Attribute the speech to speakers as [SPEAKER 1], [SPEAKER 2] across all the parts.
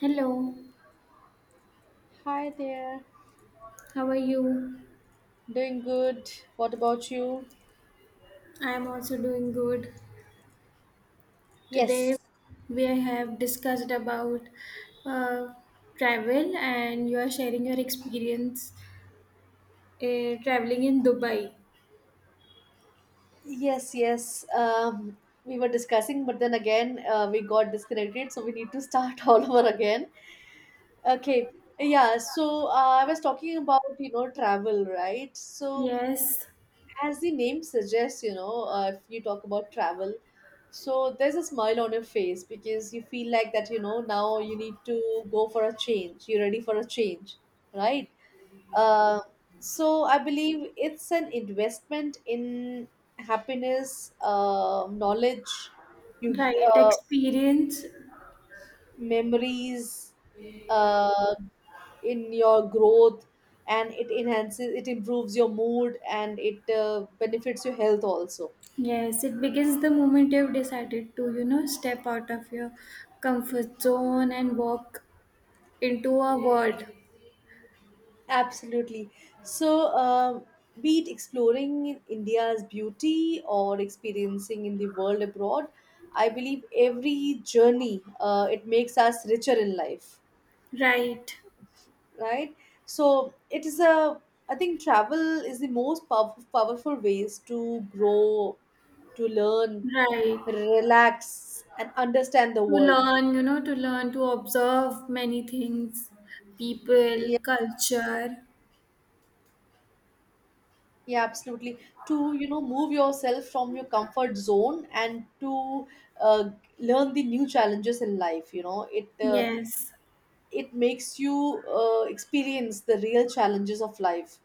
[SPEAKER 1] Hello,
[SPEAKER 2] Hi there.
[SPEAKER 1] how are you?
[SPEAKER 2] Doing good. What about you?
[SPEAKER 1] I am also doing good. Today
[SPEAKER 2] Yes,
[SPEAKER 1] we have discussed about uh, travel and you are sharing your experience traveling in Dubai.
[SPEAKER 2] yes, yes. We were discussing, but then again, we got disconnected, so we need to start all over again. Okay, yeah. So I was talking about travel, right? So
[SPEAKER 1] Yes,
[SPEAKER 2] as the name suggests, if you talk about travel, so there's a smile on your face because you feel like that now you need to go for a change. You're ready for a change, right? Uh, so I believe it's an investment in happiness, knowledge, you
[SPEAKER 1] right,
[SPEAKER 2] uh,
[SPEAKER 1] experience.
[SPEAKER 2] memories, uh, in your growth, and it enhances, it improves your mood, and it benefits your health also.
[SPEAKER 1] Yes, it begins the moment you've decided to, you know, step out of your comfort zone and walk into a world.
[SPEAKER 2] Absolutely. So, be it exploring in India's beauty or experiencing in the world abroad, I believe every journey it makes us richer in life,
[SPEAKER 1] Right,
[SPEAKER 2] right? So it is a I think travel is the most powerful ways to grow, to learn,
[SPEAKER 1] right.
[SPEAKER 2] relax, and understand the
[SPEAKER 1] To
[SPEAKER 2] world.
[SPEAKER 1] learn, you know, to learn to observe many things, people, culture.
[SPEAKER 2] Yeah, absolutely. To, you know, move yourself from your comfort zone and to uh, learn the new challenges in life, it uh,
[SPEAKER 1] Yes,
[SPEAKER 2] it makes you experience the real challenges of life,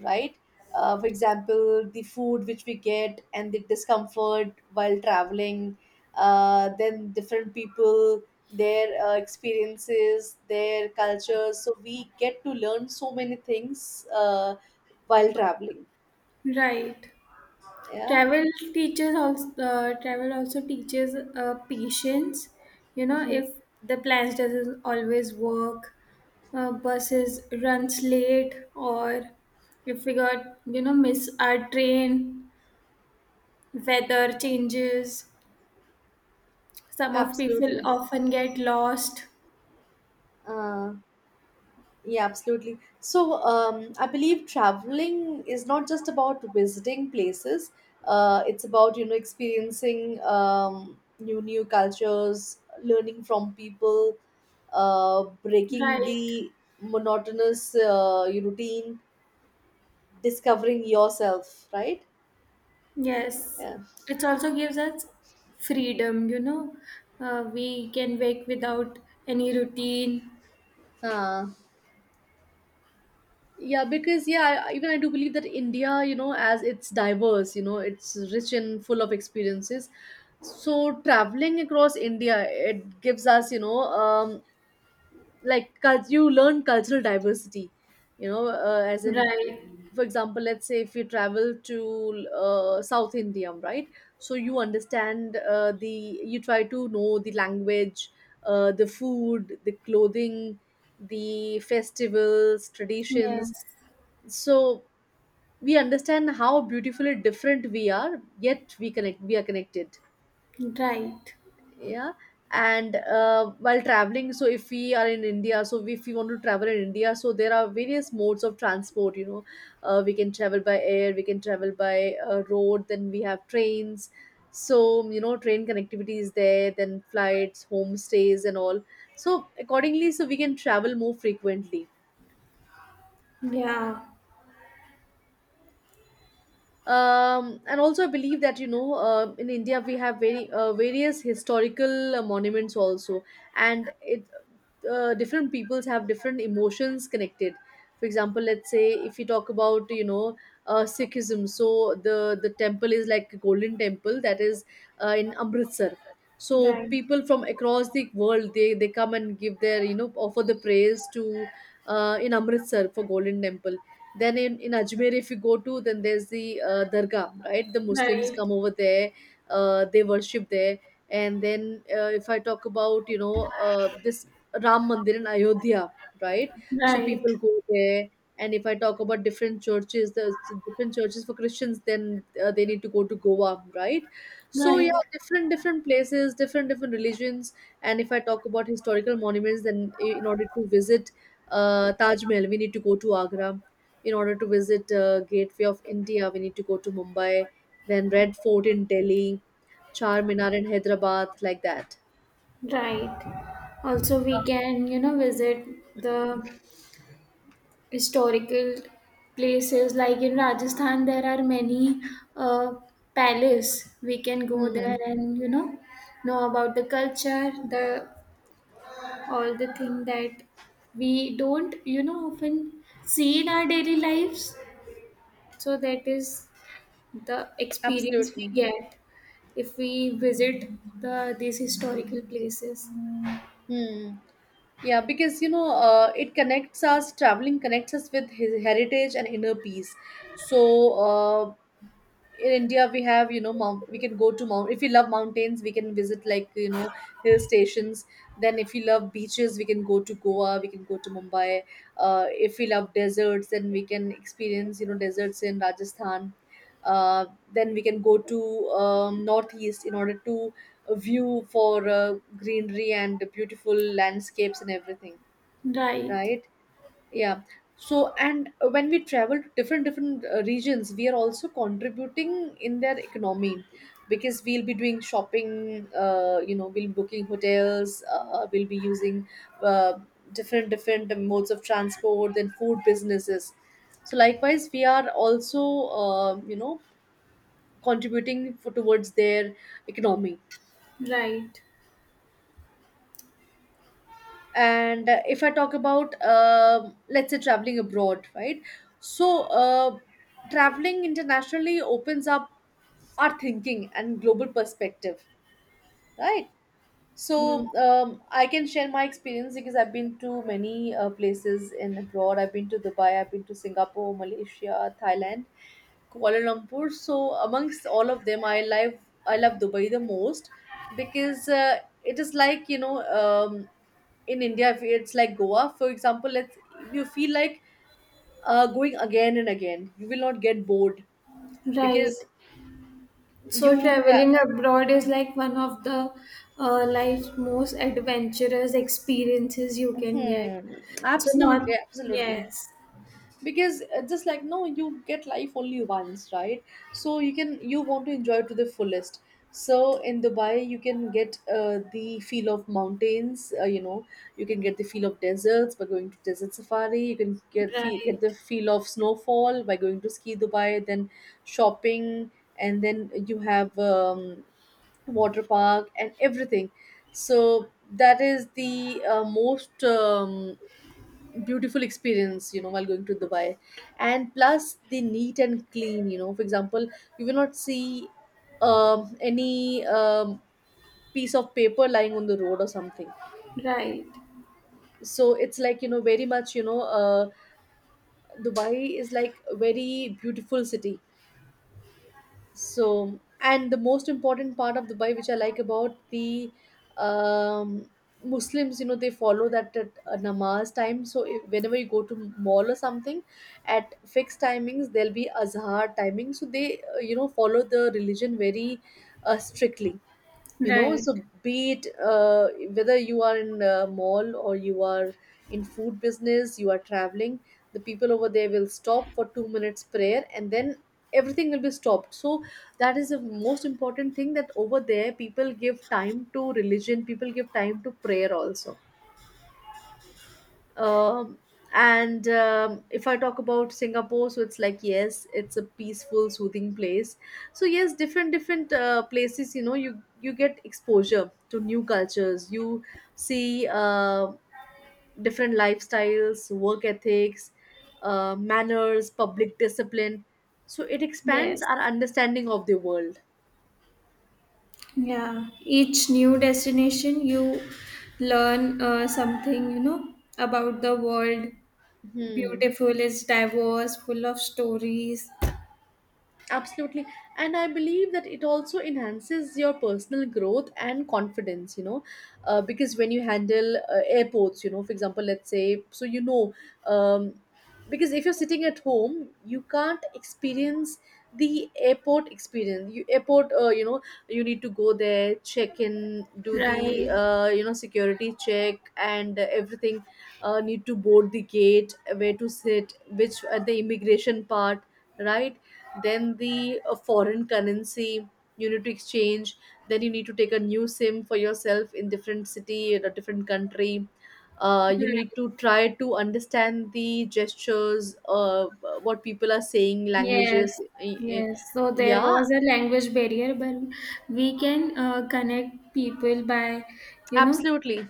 [SPEAKER 2] right? For example, the food which we get and the discomfort while traveling, then different people, their experiences, their cultures. So we get to learn so many things while traveling.
[SPEAKER 1] right.
[SPEAKER 2] Yeah.
[SPEAKER 1] Travel teaches also. Travel also teaches patience. You know,
[SPEAKER 2] Mhm.
[SPEAKER 1] if the plans doesn't always work, buses runs late, or if we got you know miss our train, weather changes. Some of people
[SPEAKER 2] Absolutely.
[SPEAKER 1] often get lost.
[SPEAKER 2] Uh, yeah, absolutely. So, I believe traveling is not just about visiting places. It's about, you know, experiencing new cultures, learning from people, breaking
[SPEAKER 1] Right.
[SPEAKER 2] the monotonous routine, discovering yourself, right?
[SPEAKER 1] Yes,
[SPEAKER 2] Yeah.
[SPEAKER 1] it also gives us freedom, you know. We can wake without any routine.
[SPEAKER 2] Uh, Yeah, because even I do believe that India, you know, as it's diverse, you know, it's rich and full of experiences. So traveling across India, it gives us, like you learn cultural diversity, as in,
[SPEAKER 1] Right.
[SPEAKER 2] for example, let's say if you travel to South India, right? So you understand, the you try to know the language, the food, the clothing, the festivals, traditions.
[SPEAKER 1] Yes.
[SPEAKER 2] So we understand how beautifully different we are, yet we are connected.
[SPEAKER 1] Right.
[SPEAKER 2] Yeah. And while traveling, so if we are in India, so if we want to travel in India, so there are various modes of transport, we can travel by air, we can travel by road, then we have trains. So train connectivity is there, then flights, homestays and all. So accordingly, so we can travel more frequently.
[SPEAKER 1] Yeah.
[SPEAKER 2] And also I believe that in India we have very various historical monuments also. And it uh, different peoples have different emotions connected. For example, let's say if you talk about, Sikhism. So the temple is like a Golden Temple, that is in Amritsar. So
[SPEAKER 1] Right.
[SPEAKER 2] people from across the world, they come and give their, offer the praise to, in Amritsar for Golden Temple. Then in Ajmer, if you go to, then there's the Dargah, right? The Muslims
[SPEAKER 1] Right.
[SPEAKER 2] come over there, they worship there. And then, if I talk about, this Ram Mandir in Ayodhya, right? So
[SPEAKER 1] Right.
[SPEAKER 2] people go there. And if I talk about different churches, there's different churches for Christians, then they need to go to Goa, right? So yeah,
[SPEAKER 1] Right.
[SPEAKER 2] different different places, different different religions. And if I talk about historical monuments, then in order to visit Taj Mahal, we need to go to Agra, in order to visit Gateway of India, we need to go to Mumbai, then Red Fort in Delhi, Char Minar in Hyderabad, like that.
[SPEAKER 1] Right. Also, we can, you know, visit the historical places. Like in Rajasthan, there are many uh, palace. We can go
[SPEAKER 2] Hmm.
[SPEAKER 1] there and, you know about the culture, the all the thing that we don't you know often see in our daily lives, so that is the experience we
[SPEAKER 2] Absolutely.
[SPEAKER 1] get if we visit the these historical places.
[SPEAKER 2] Hmm. Yeah, because it connects us. Traveling connects us with his heritage and inner peace. So, in India we have mount, we can go to mount if we love mountains, we can visit like hill stations. Then if we love beaches, we can go to Goa, we can go to Mumbai. If we love deserts, then we can experience, deserts in Rajasthan. Uh, then we can go to northeast in order to view for greenery and beautiful landscapes and everything,
[SPEAKER 1] Right,
[SPEAKER 2] right? Yeah. So, and when we travel to different different regions, we are also contributing in their economy, because we'll be doing shopping. We'll be booking hotels. We'll be using uh, different different modes of transport and food businesses. So, likewise, we are also, uh, you know contributing for, towards their economy.
[SPEAKER 1] right.
[SPEAKER 2] And if I talk about, let's say, traveling abroad, right? So traveling internationally opens up our thinking and global perspective, right? So
[SPEAKER 1] Hmm.
[SPEAKER 2] I can share my experience because I've been to many places in abroad. I've been to Dubai, I've been to Singapore, Malaysia, Thailand, Kuala Lumpur. So amongst all of them, I love Dubai the most because it is like, um, in India, if it's like Goa, for example, let's if you feel like going again and again. You will not get bored because
[SPEAKER 1] Right. So
[SPEAKER 2] you have.
[SPEAKER 1] traveling abroad is like one of the life's most adventurous experiences you can get.
[SPEAKER 2] Hmm,
[SPEAKER 1] So not,
[SPEAKER 2] absolutely, absolutely.
[SPEAKER 1] yes,
[SPEAKER 2] Because just like no, you get life only once, right? So you want to enjoy it to the fullest. So in Dubai you can get the feel of mountains, you can get the feel of deserts by going to desert safari, you can get feel, get
[SPEAKER 1] right,
[SPEAKER 2] the feel of snowfall by going to Ski Dubai, then shopping, and then you have water park and everything. So that is the most beautiful experience, while going to Dubai. And plus the neat and clean, for example, you will not see any piece of paper lying on the road or something.
[SPEAKER 1] right,
[SPEAKER 2] So it's like very much, Dubai is like a very beautiful city. So, and the most important part of Dubai, which I like about the um, Muslims, they follow that at namaz time. So if, whenever you go to mall or something, at fixed timings there'll be azhar timing, so they, follow the religion very strictly. you know
[SPEAKER 1] right.
[SPEAKER 2] so be it, whether you are in a mall or you are in food business, you are traveling, the people over there will stop for 2 minutes prayer and then everything will be stopped. So that is the most important thing, that over there people give time to religion, people give time to prayer also. Um, and um, if I talk about Singapore, so it's like yes, it's a peaceful soothing place. So yes, different different places, you get exposure to new cultures, you see different lifestyles, work ethics, manners, public discipline. So it expands
[SPEAKER 1] Yes.
[SPEAKER 2] our understanding of the world.
[SPEAKER 1] Yeah, each new destination you learn something, you know, about the world.
[SPEAKER 2] Hmm.
[SPEAKER 1] Beautiful, it's diverse, full of stories.
[SPEAKER 2] Absolutely. And I believe that it also enhances your personal growth and confidence, because when you handle airports, for example, let's say, so um, because if you're sitting at home, you can't experience the airport experience. You airport, you know, you need to go there, check in, do the,
[SPEAKER 1] Right.
[SPEAKER 2] security check and everything, need to board the gate, where to sit, which at the immigration part, right? Then the foreign currency you need to exchange, then you need to take a new SIM for yourself in different city in a different country. You
[SPEAKER 1] Right.
[SPEAKER 2] need to try to understand the gestures, what people are saying,
[SPEAKER 1] Yes.
[SPEAKER 2] languages.
[SPEAKER 1] Yes. So there
[SPEAKER 2] Yeah,
[SPEAKER 1] was a language barrier, but we can connect people by, you know.
[SPEAKER 2] absolutely.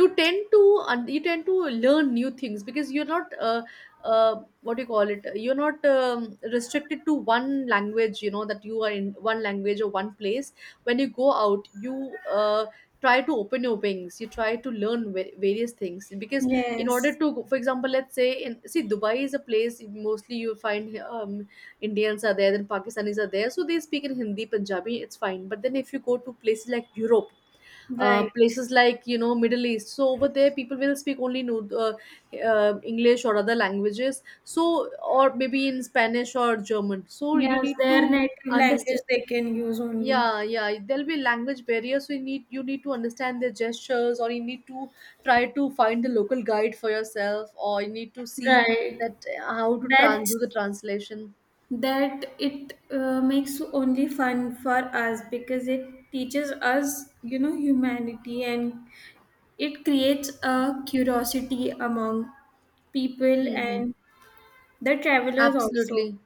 [SPEAKER 2] you tend to you tend to learn new things because you're not, what do you call it, you're not restricted to one language. That you are in one language or one place. When you go out, you try to open your wings, you try to learn various things, because in order
[SPEAKER 1] Yes.
[SPEAKER 2] to go- for example, let's say, in see Dubai is a place, mostly you find Indians are there, then Pakistanis are there, so they speak in Hindi, Punjabi. It's fine. But then if you go to places like Europe,
[SPEAKER 1] Right.
[SPEAKER 2] places like Middle East, so over there people will speak only English or other languages, so or maybe in Spanish or German, so you
[SPEAKER 1] Yes,
[SPEAKER 2] need
[SPEAKER 1] their
[SPEAKER 2] to
[SPEAKER 1] native
[SPEAKER 2] understand.
[SPEAKER 1] language they can use only.
[SPEAKER 2] Yeah, yeah, there'll be language barriers, so you need to understand their gestures, or you need to try to find the local guide for yourself, or you need to see
[SPEAKER 1] Right.
[SPEAKER 2] that, how to trans
[SPEAKER 1] That's
[SPEAKER 2] do the translation.
[SPEAKER 1] that it makes only fun for us because it teaches us you know humanity, and it creates a curiosity among people
[SPEAKER 2] Hmm.
[SPEAKER 1] and the travelers also.
[SPEAKER 2] Absolutely.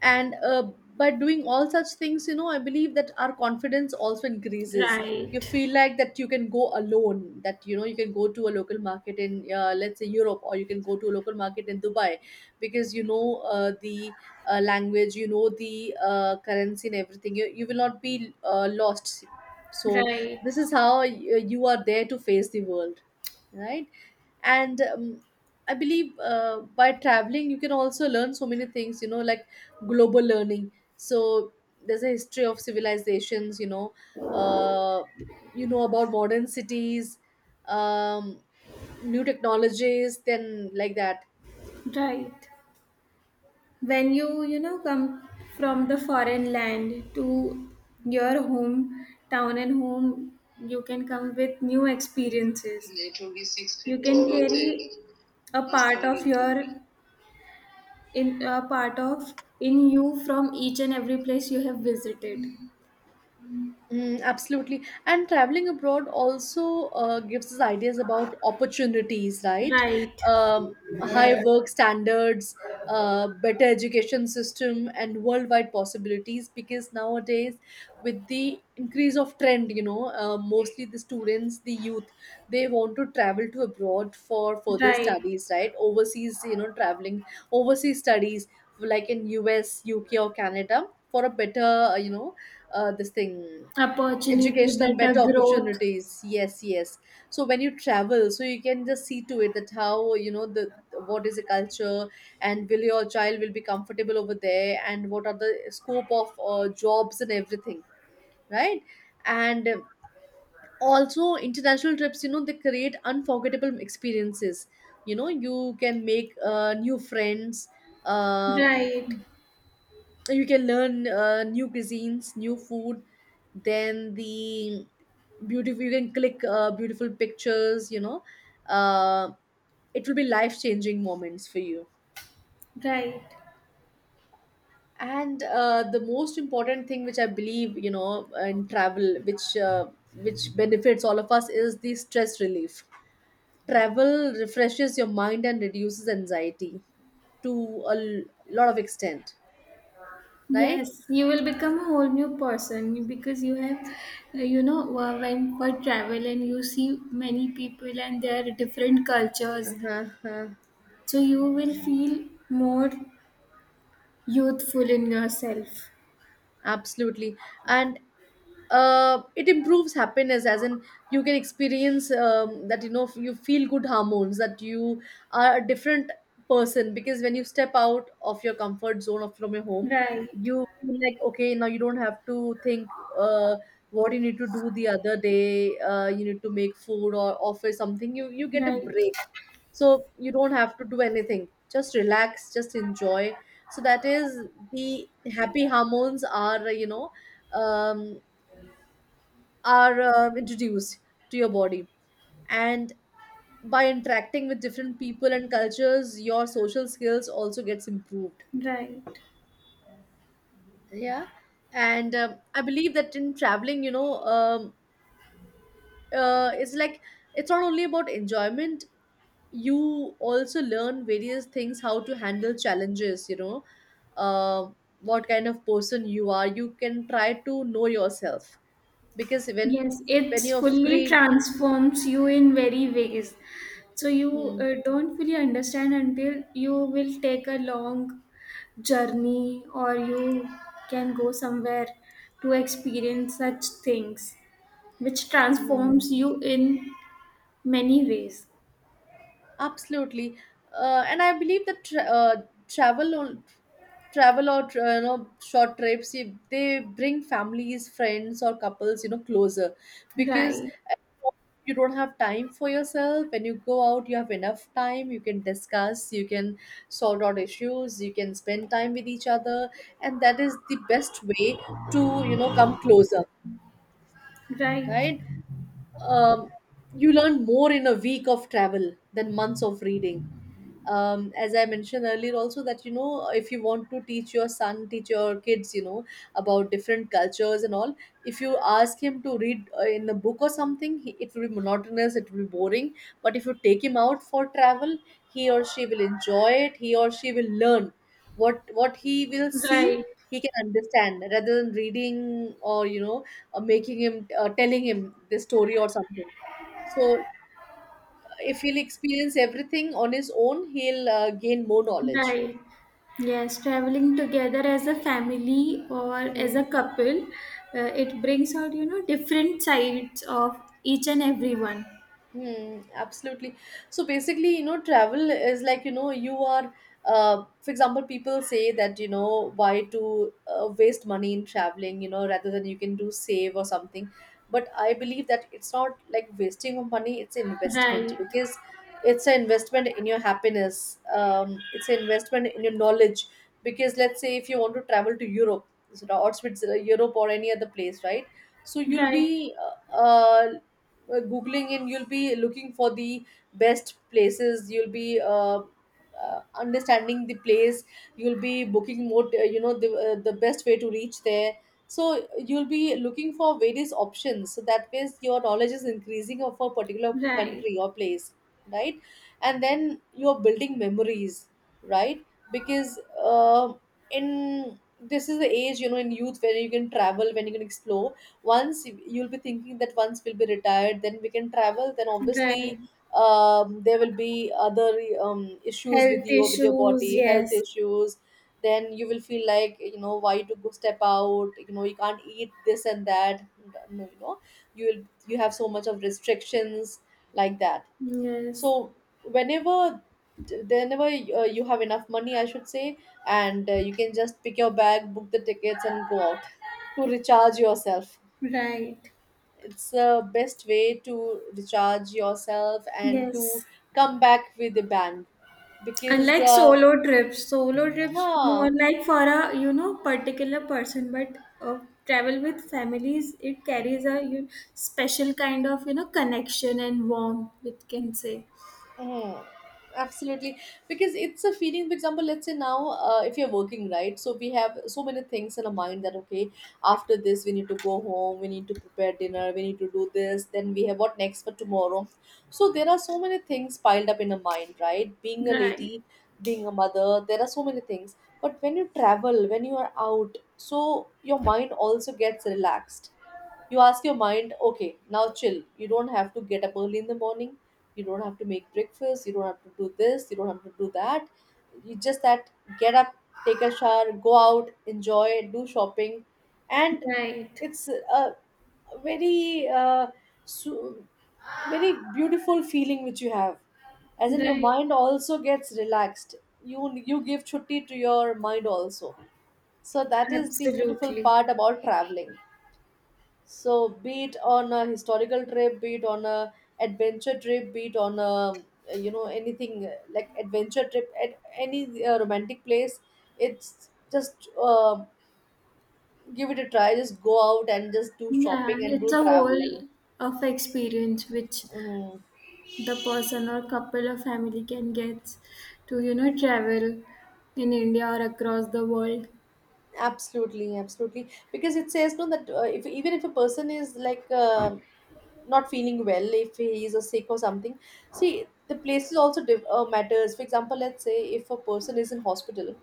[SPEAKER 2] And by doing all such things, I believe that our confidence also increases. You
[SPEAKER 1] Right,
[SPEAKER 2] feel like that you can go alone, that you can go to a Local market in let's say Europe, or you can go to a local market in Dubai. Because you know the language, you know, the currency and everything, you will not be lost. So
[SPEAKER 1] right,
[SPEAKER 2] this is how you are there to face the world, right? And I believe by traveling you can also learn so many things, you know, like global learning. So there's a history of civilizations, you know. uh, you know about modern cities, um, new technologies, then like that.
[SPEAKER 1] right. When you know come from the foreign land to your home town and home, you can come with new experiences. You can carry a part of your in a part of in you from each and every place you have visited.
[SPEAKER 2] Mm, absolutely. And traveling abroad also gives us ideas about opportunities, right?
[SPEAKER 1] Right,
[SPEAKER 2] High work standards, better education system, and worldwide possibilities. Because nowadays, with the increase of trend, you know, mostly the students, the youth, they want to travel to abroad for further
[SPEAKER 1] right,
[SPEAKER 2] studies, right? Overseas, you know, traveling, overseas studies, like in US, UK, or Canada, for a better, you know, this thing.
[SPEAKER 1] opportunity
[SPEAKER 2] Educational,
[SPEAKER 1] better
[SPEAKER 2] better
[SPEAKER 1] growth.
[SPEAKER 2] opportunities, yes, yes. So when you travel, so you can just see to it that how, you know, the what is the culture, and will your child will be comfortable over there, and what are the scope of jobs and everything, right? And also international trips, you know, they create unforgettable experiences. You know, you can make new friends, uh,
[SPEAKER 1] Right,
[SPEAKER 2] you can learn new cuisines, new food, then the beautiful, you can click beautiful pictures, you know. uh, it will be life changing moments for you.
[SPEAKER 1] right.
[SPEAKER 2] And the most important thing which I believe, you know, in travel which benefits all of us is the stress relief. Travel refreshes your mind and reduces anxiety to a lot of extent, right?
[SPEAKER 1] Yes, you will become a whole new person because you have, when for travel and you see many people and their different cultures,
[SPEAKER 2] Uh-huh. Uh-huh.
[SPEAKER 1] so you will feel more youthful in yourself.
[SPEAKER 2] Absolutely. And it improves happiness, as in, you can experience that, you know, you feel good hormones, that you are a different person, because when you step out of your comfort zone or from your home,
[SPEAKER 1] Right,
[SPEAKER 2] you feel like, okay, now you don't have to think, uh, what you need to do the other day, you need to make food or office something, you get a
[SPEAKER 1] right,
[SPEAKER 2] break. So you don't have to do anything, just relax, just enjoy. So that is the happy hormones are, you know, um are introduced to your body. And by interacting with different people and cultures, your social skills also gets improved.
[SPEAKER 1] right.
[SPEAKER 2] Yeah. And I believe that in traveling, you know, it's like, it's not only about enjoyment, you also learn various things, how to handle challenges, you know, uh, what kind of person you are, you can try to know yourself. Because
[SPEAKER 1] Yes, it
[SPEAKER 2] when you're
[SPEAKER 1] fully
[SPEAKER 2] free.
[SPEAKER 1] transforms you in very ways. So you
[SPEAKER 2] Hmm.
[SPEAKER 1] don't fully understand until you will take a long journey or you can go somewhere to experience such things, which
[SPEAKER 2] Hmm. Hmm.
[SPEAKER 1] transforms you in many ways.
[SPEAKER 2] Absolutely. And I believe that travel on travel, or you know, short trips, if they bring families, friends, or couples, you know, closer. Because
[SPEAKER 1] Right,
[SPEAKER 2] you don't have time for yourself. When you go out, you have enough time. You can discuss, you can sort out issues, you can spend time with each other, and that is the best way to, you know, come closer,
[SPEAKER 1] right,
[SPEAKER 2] right? Um, you learn more in a week of travel than months of reading. Um, as I mentioned earlier also, that, you know, if you want to teach your son, teach your kids, you know, about different cultures and all, if you ask him to read in a book or something, it will be monotonous, it will be boring. But if you take him out for travel, he or she will enjoy it, he or she will learn, what he will see.
[SPEAKER 1] right.
[SPEAKER 2] He can understand, rather than reading or, you know, making him telling him the story or something. So if he'll experience everything on his own, he'll gain more knowledge.
[SPEAKER 1] Right. Yes, traveling together as a family or
[SPEAKER 2] Hmm.
[SPEAKER 1] as a couple, it brings out, you know, different sides of each and everyone.
[SPEAKER 2] Hmm, absolutely. So basically, you know, travel is like, you know, you are, for example, people say that, you know, why to waste money in traveling, you know, rather than you can do save or something. But I believe that it's not like wasting of money, it's an investment.
[SPEAKER 1] Right.
[SPEAKER 2] Because it's an investment in your happiness. It's an investment in your knowledge, because let's say if you want to travel to Europe, or Switzerland, Europe, or any other place, right? So you'll
[SPEAKER 1] Right.
[SPEAKER 2] be uh, uh, googling, and you'll be looking for the best places, you'll be understanding the place, you'll be booking more, you know, the best way to reach there. So you'll be looking for various options, so that way your knowledge is increasing of a particular
[SPEAKER 1] Right.
[SPEAKER 2] country or place, right? And then you're building memories, right? Because in this is the age, you know, in youth, where you can travel, when you can explore. Once you'll be thinking that once we'll be retired, then we can travel, then obviously,
[SPEAKER 1] Right.
[SPEAKER 2] there will be other issues with
[SPEAKER 1] Health
[SPEAKER 2] you, with your
[SPEAKER 1] issues,
[SPEAKER 2] body, health
[SPEAKER 1] yes.
[SPEAKER 2] issues. Then you will feel like, you know, why to go step out, you know, you can't eat this and that. No, you know, you have so much of restrictions like that.
[SPEAKER 1] Yes.
[SPEAKER 2] So whenever whenever you have enough money, I should say, and you can just pick your bag, book the tickets, and go out to recharge yourself.
[SPEAKER 1] Right.
[SPEAKER 2] It's the best way to recharge yourself, and to
[SPEAKER 1] Yes.
[SPEAKER 2] come back with a bang. Because
[SPEAKER 1] Unlike solo trips more
[SPEAKER 2] yeah.
[SPEAKER 1] like for a you know particular person, but travel with families it carries a you, special kind of you know connection and warmth. We can say
[SPEAKER 2] Oh, absolutely. Because it's a feeling, for example, let's say now, if you're working, right? So we have so many things in our mind that, okay, after this, we need to go home, we need to prepare dinner, we need to do this, then we have what next for tomorrow. So there are so many things piled up in our mind, right? Being a
[SPEAKER 1] right,
[SPEAKER 2] lady, being a mother, there are so many things. But when you travel, when you are out, so your mind also gets relaxed. You ask your mind, okay, now chill. You don't have to get up early in the morning. You don't have to make breakfast. You don't have to do this. You don't have to do that. You just that get up, take a shower, go out, enjoy, do shopping. And
[SPEAKER 1] right,
[SPEAKER 2] it's a very, su- very beautiful feeling which you have. As in, your
[SPEAKER 1] right.
[SPEAKER 2] mind also gets relaxed. You give chutti to your mind also. So that is the beautiful
[SPEAKER 1] Absolutely.
[SPEAKER 2] part about traveling. So be it on a historical trip, be it on a adventure trip, be it on a, you know, anything, like adventure trip at any romantic place, it's just give it a try. Just go out and just do shopping
[SPEAKER 1] Yeah,
[SPEAKER 2] and
[SPEAKER 1] it's
[SPEAKER 2] do
[SPEAKER 1] a whole
[SPEAKER 2] traveling.
[SPEAKER 1] of experience which
[SPEAKER 2] Mhm.
[SPEAKER 1] the person or couple or family can get to, you know, travel in India or across the world.
[SPEAKER 2] Absolutely, absolutely. Because it says no that if even if a person is like not feeling well, if he is a sick or something, see the places also matters. For example, let's say if a person is in hospital,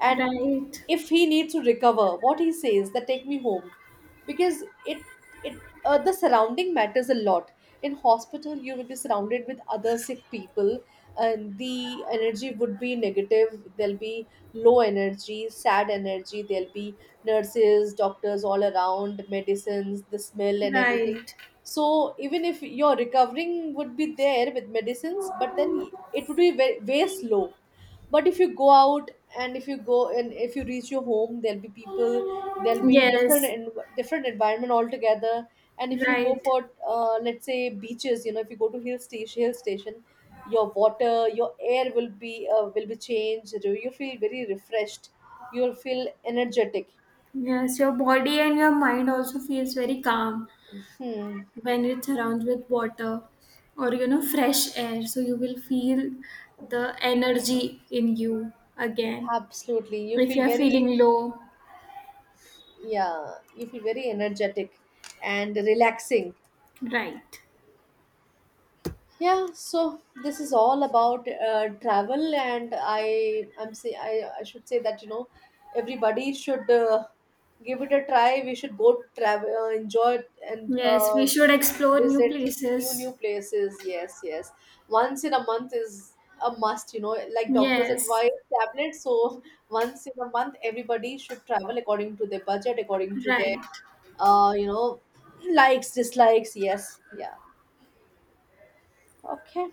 [SPEAKER 2] and
[SPEAKER 1] Right,
[SPEAKER 2] if he needs to recover, what he says that take me home. Because it the surrounding matters a lot. In hospital you will be surrounded with other sick people, and the energy would be negative. There'll be low energy, sad energy, there'll be nurses, doctors all around, medicines, the smell and everything.
[SPEAKER 1] right.
[SPEAKER 2] So even if your recovering would be there with medicines, but then it would be very, way slow. But if you go out, and if you go and if you reach your home, there'll be people, there'll be different
[SPEAKER 1] Yes,
[SPEAKER 2] and different environment altogether. And if you go
[SPEAKER 1] right.
[SPEAKER 2] for, let's say, beaches, you know, if you go to hill station hill station, your water, your air will be changed, you feel very refreshed. You'll feel energetic.
[SPEAKER 1] Yes, your body and your mind also feels very calm
[SPEAKER 2] Hmm.
[SPEAKER 1] when it's surrounded with water or you know fresh air. So you will feel the energy in you again
[SPEAKER 2] Absolutely, you
[SPEAKER 1] if you
[SPEAKER 2] feel
[SPEAKER 1] are
[SPEAKER 2] very,
[SPEAKER 1] feeling low.
[SPEAKER 2] yeah, you feel very energetic and relaxing.
[SPEAKER 1] Right.
[SPEAKER 2] Yeah. So this is all about travel, and I should say that, you know, everybody should give it a try, we should go to travel, enjoy it, and
[SPEAKER 1] Yes, we should explore new
[SPEAKER 2] visit new
[SPEAKER 1] places.
[SPEAKER 2] places, yes, yes. Once in a month is a must, you know, like doctors
[SPEAKER 1] Yes,
[SPEAKER 2] advise tablets, so once in a month everybody should travel according to their budget, according to their
[SPEAKER 1] right.
[SPEAKER 2] you know, likes, dislikes, yes, yeah. Okay.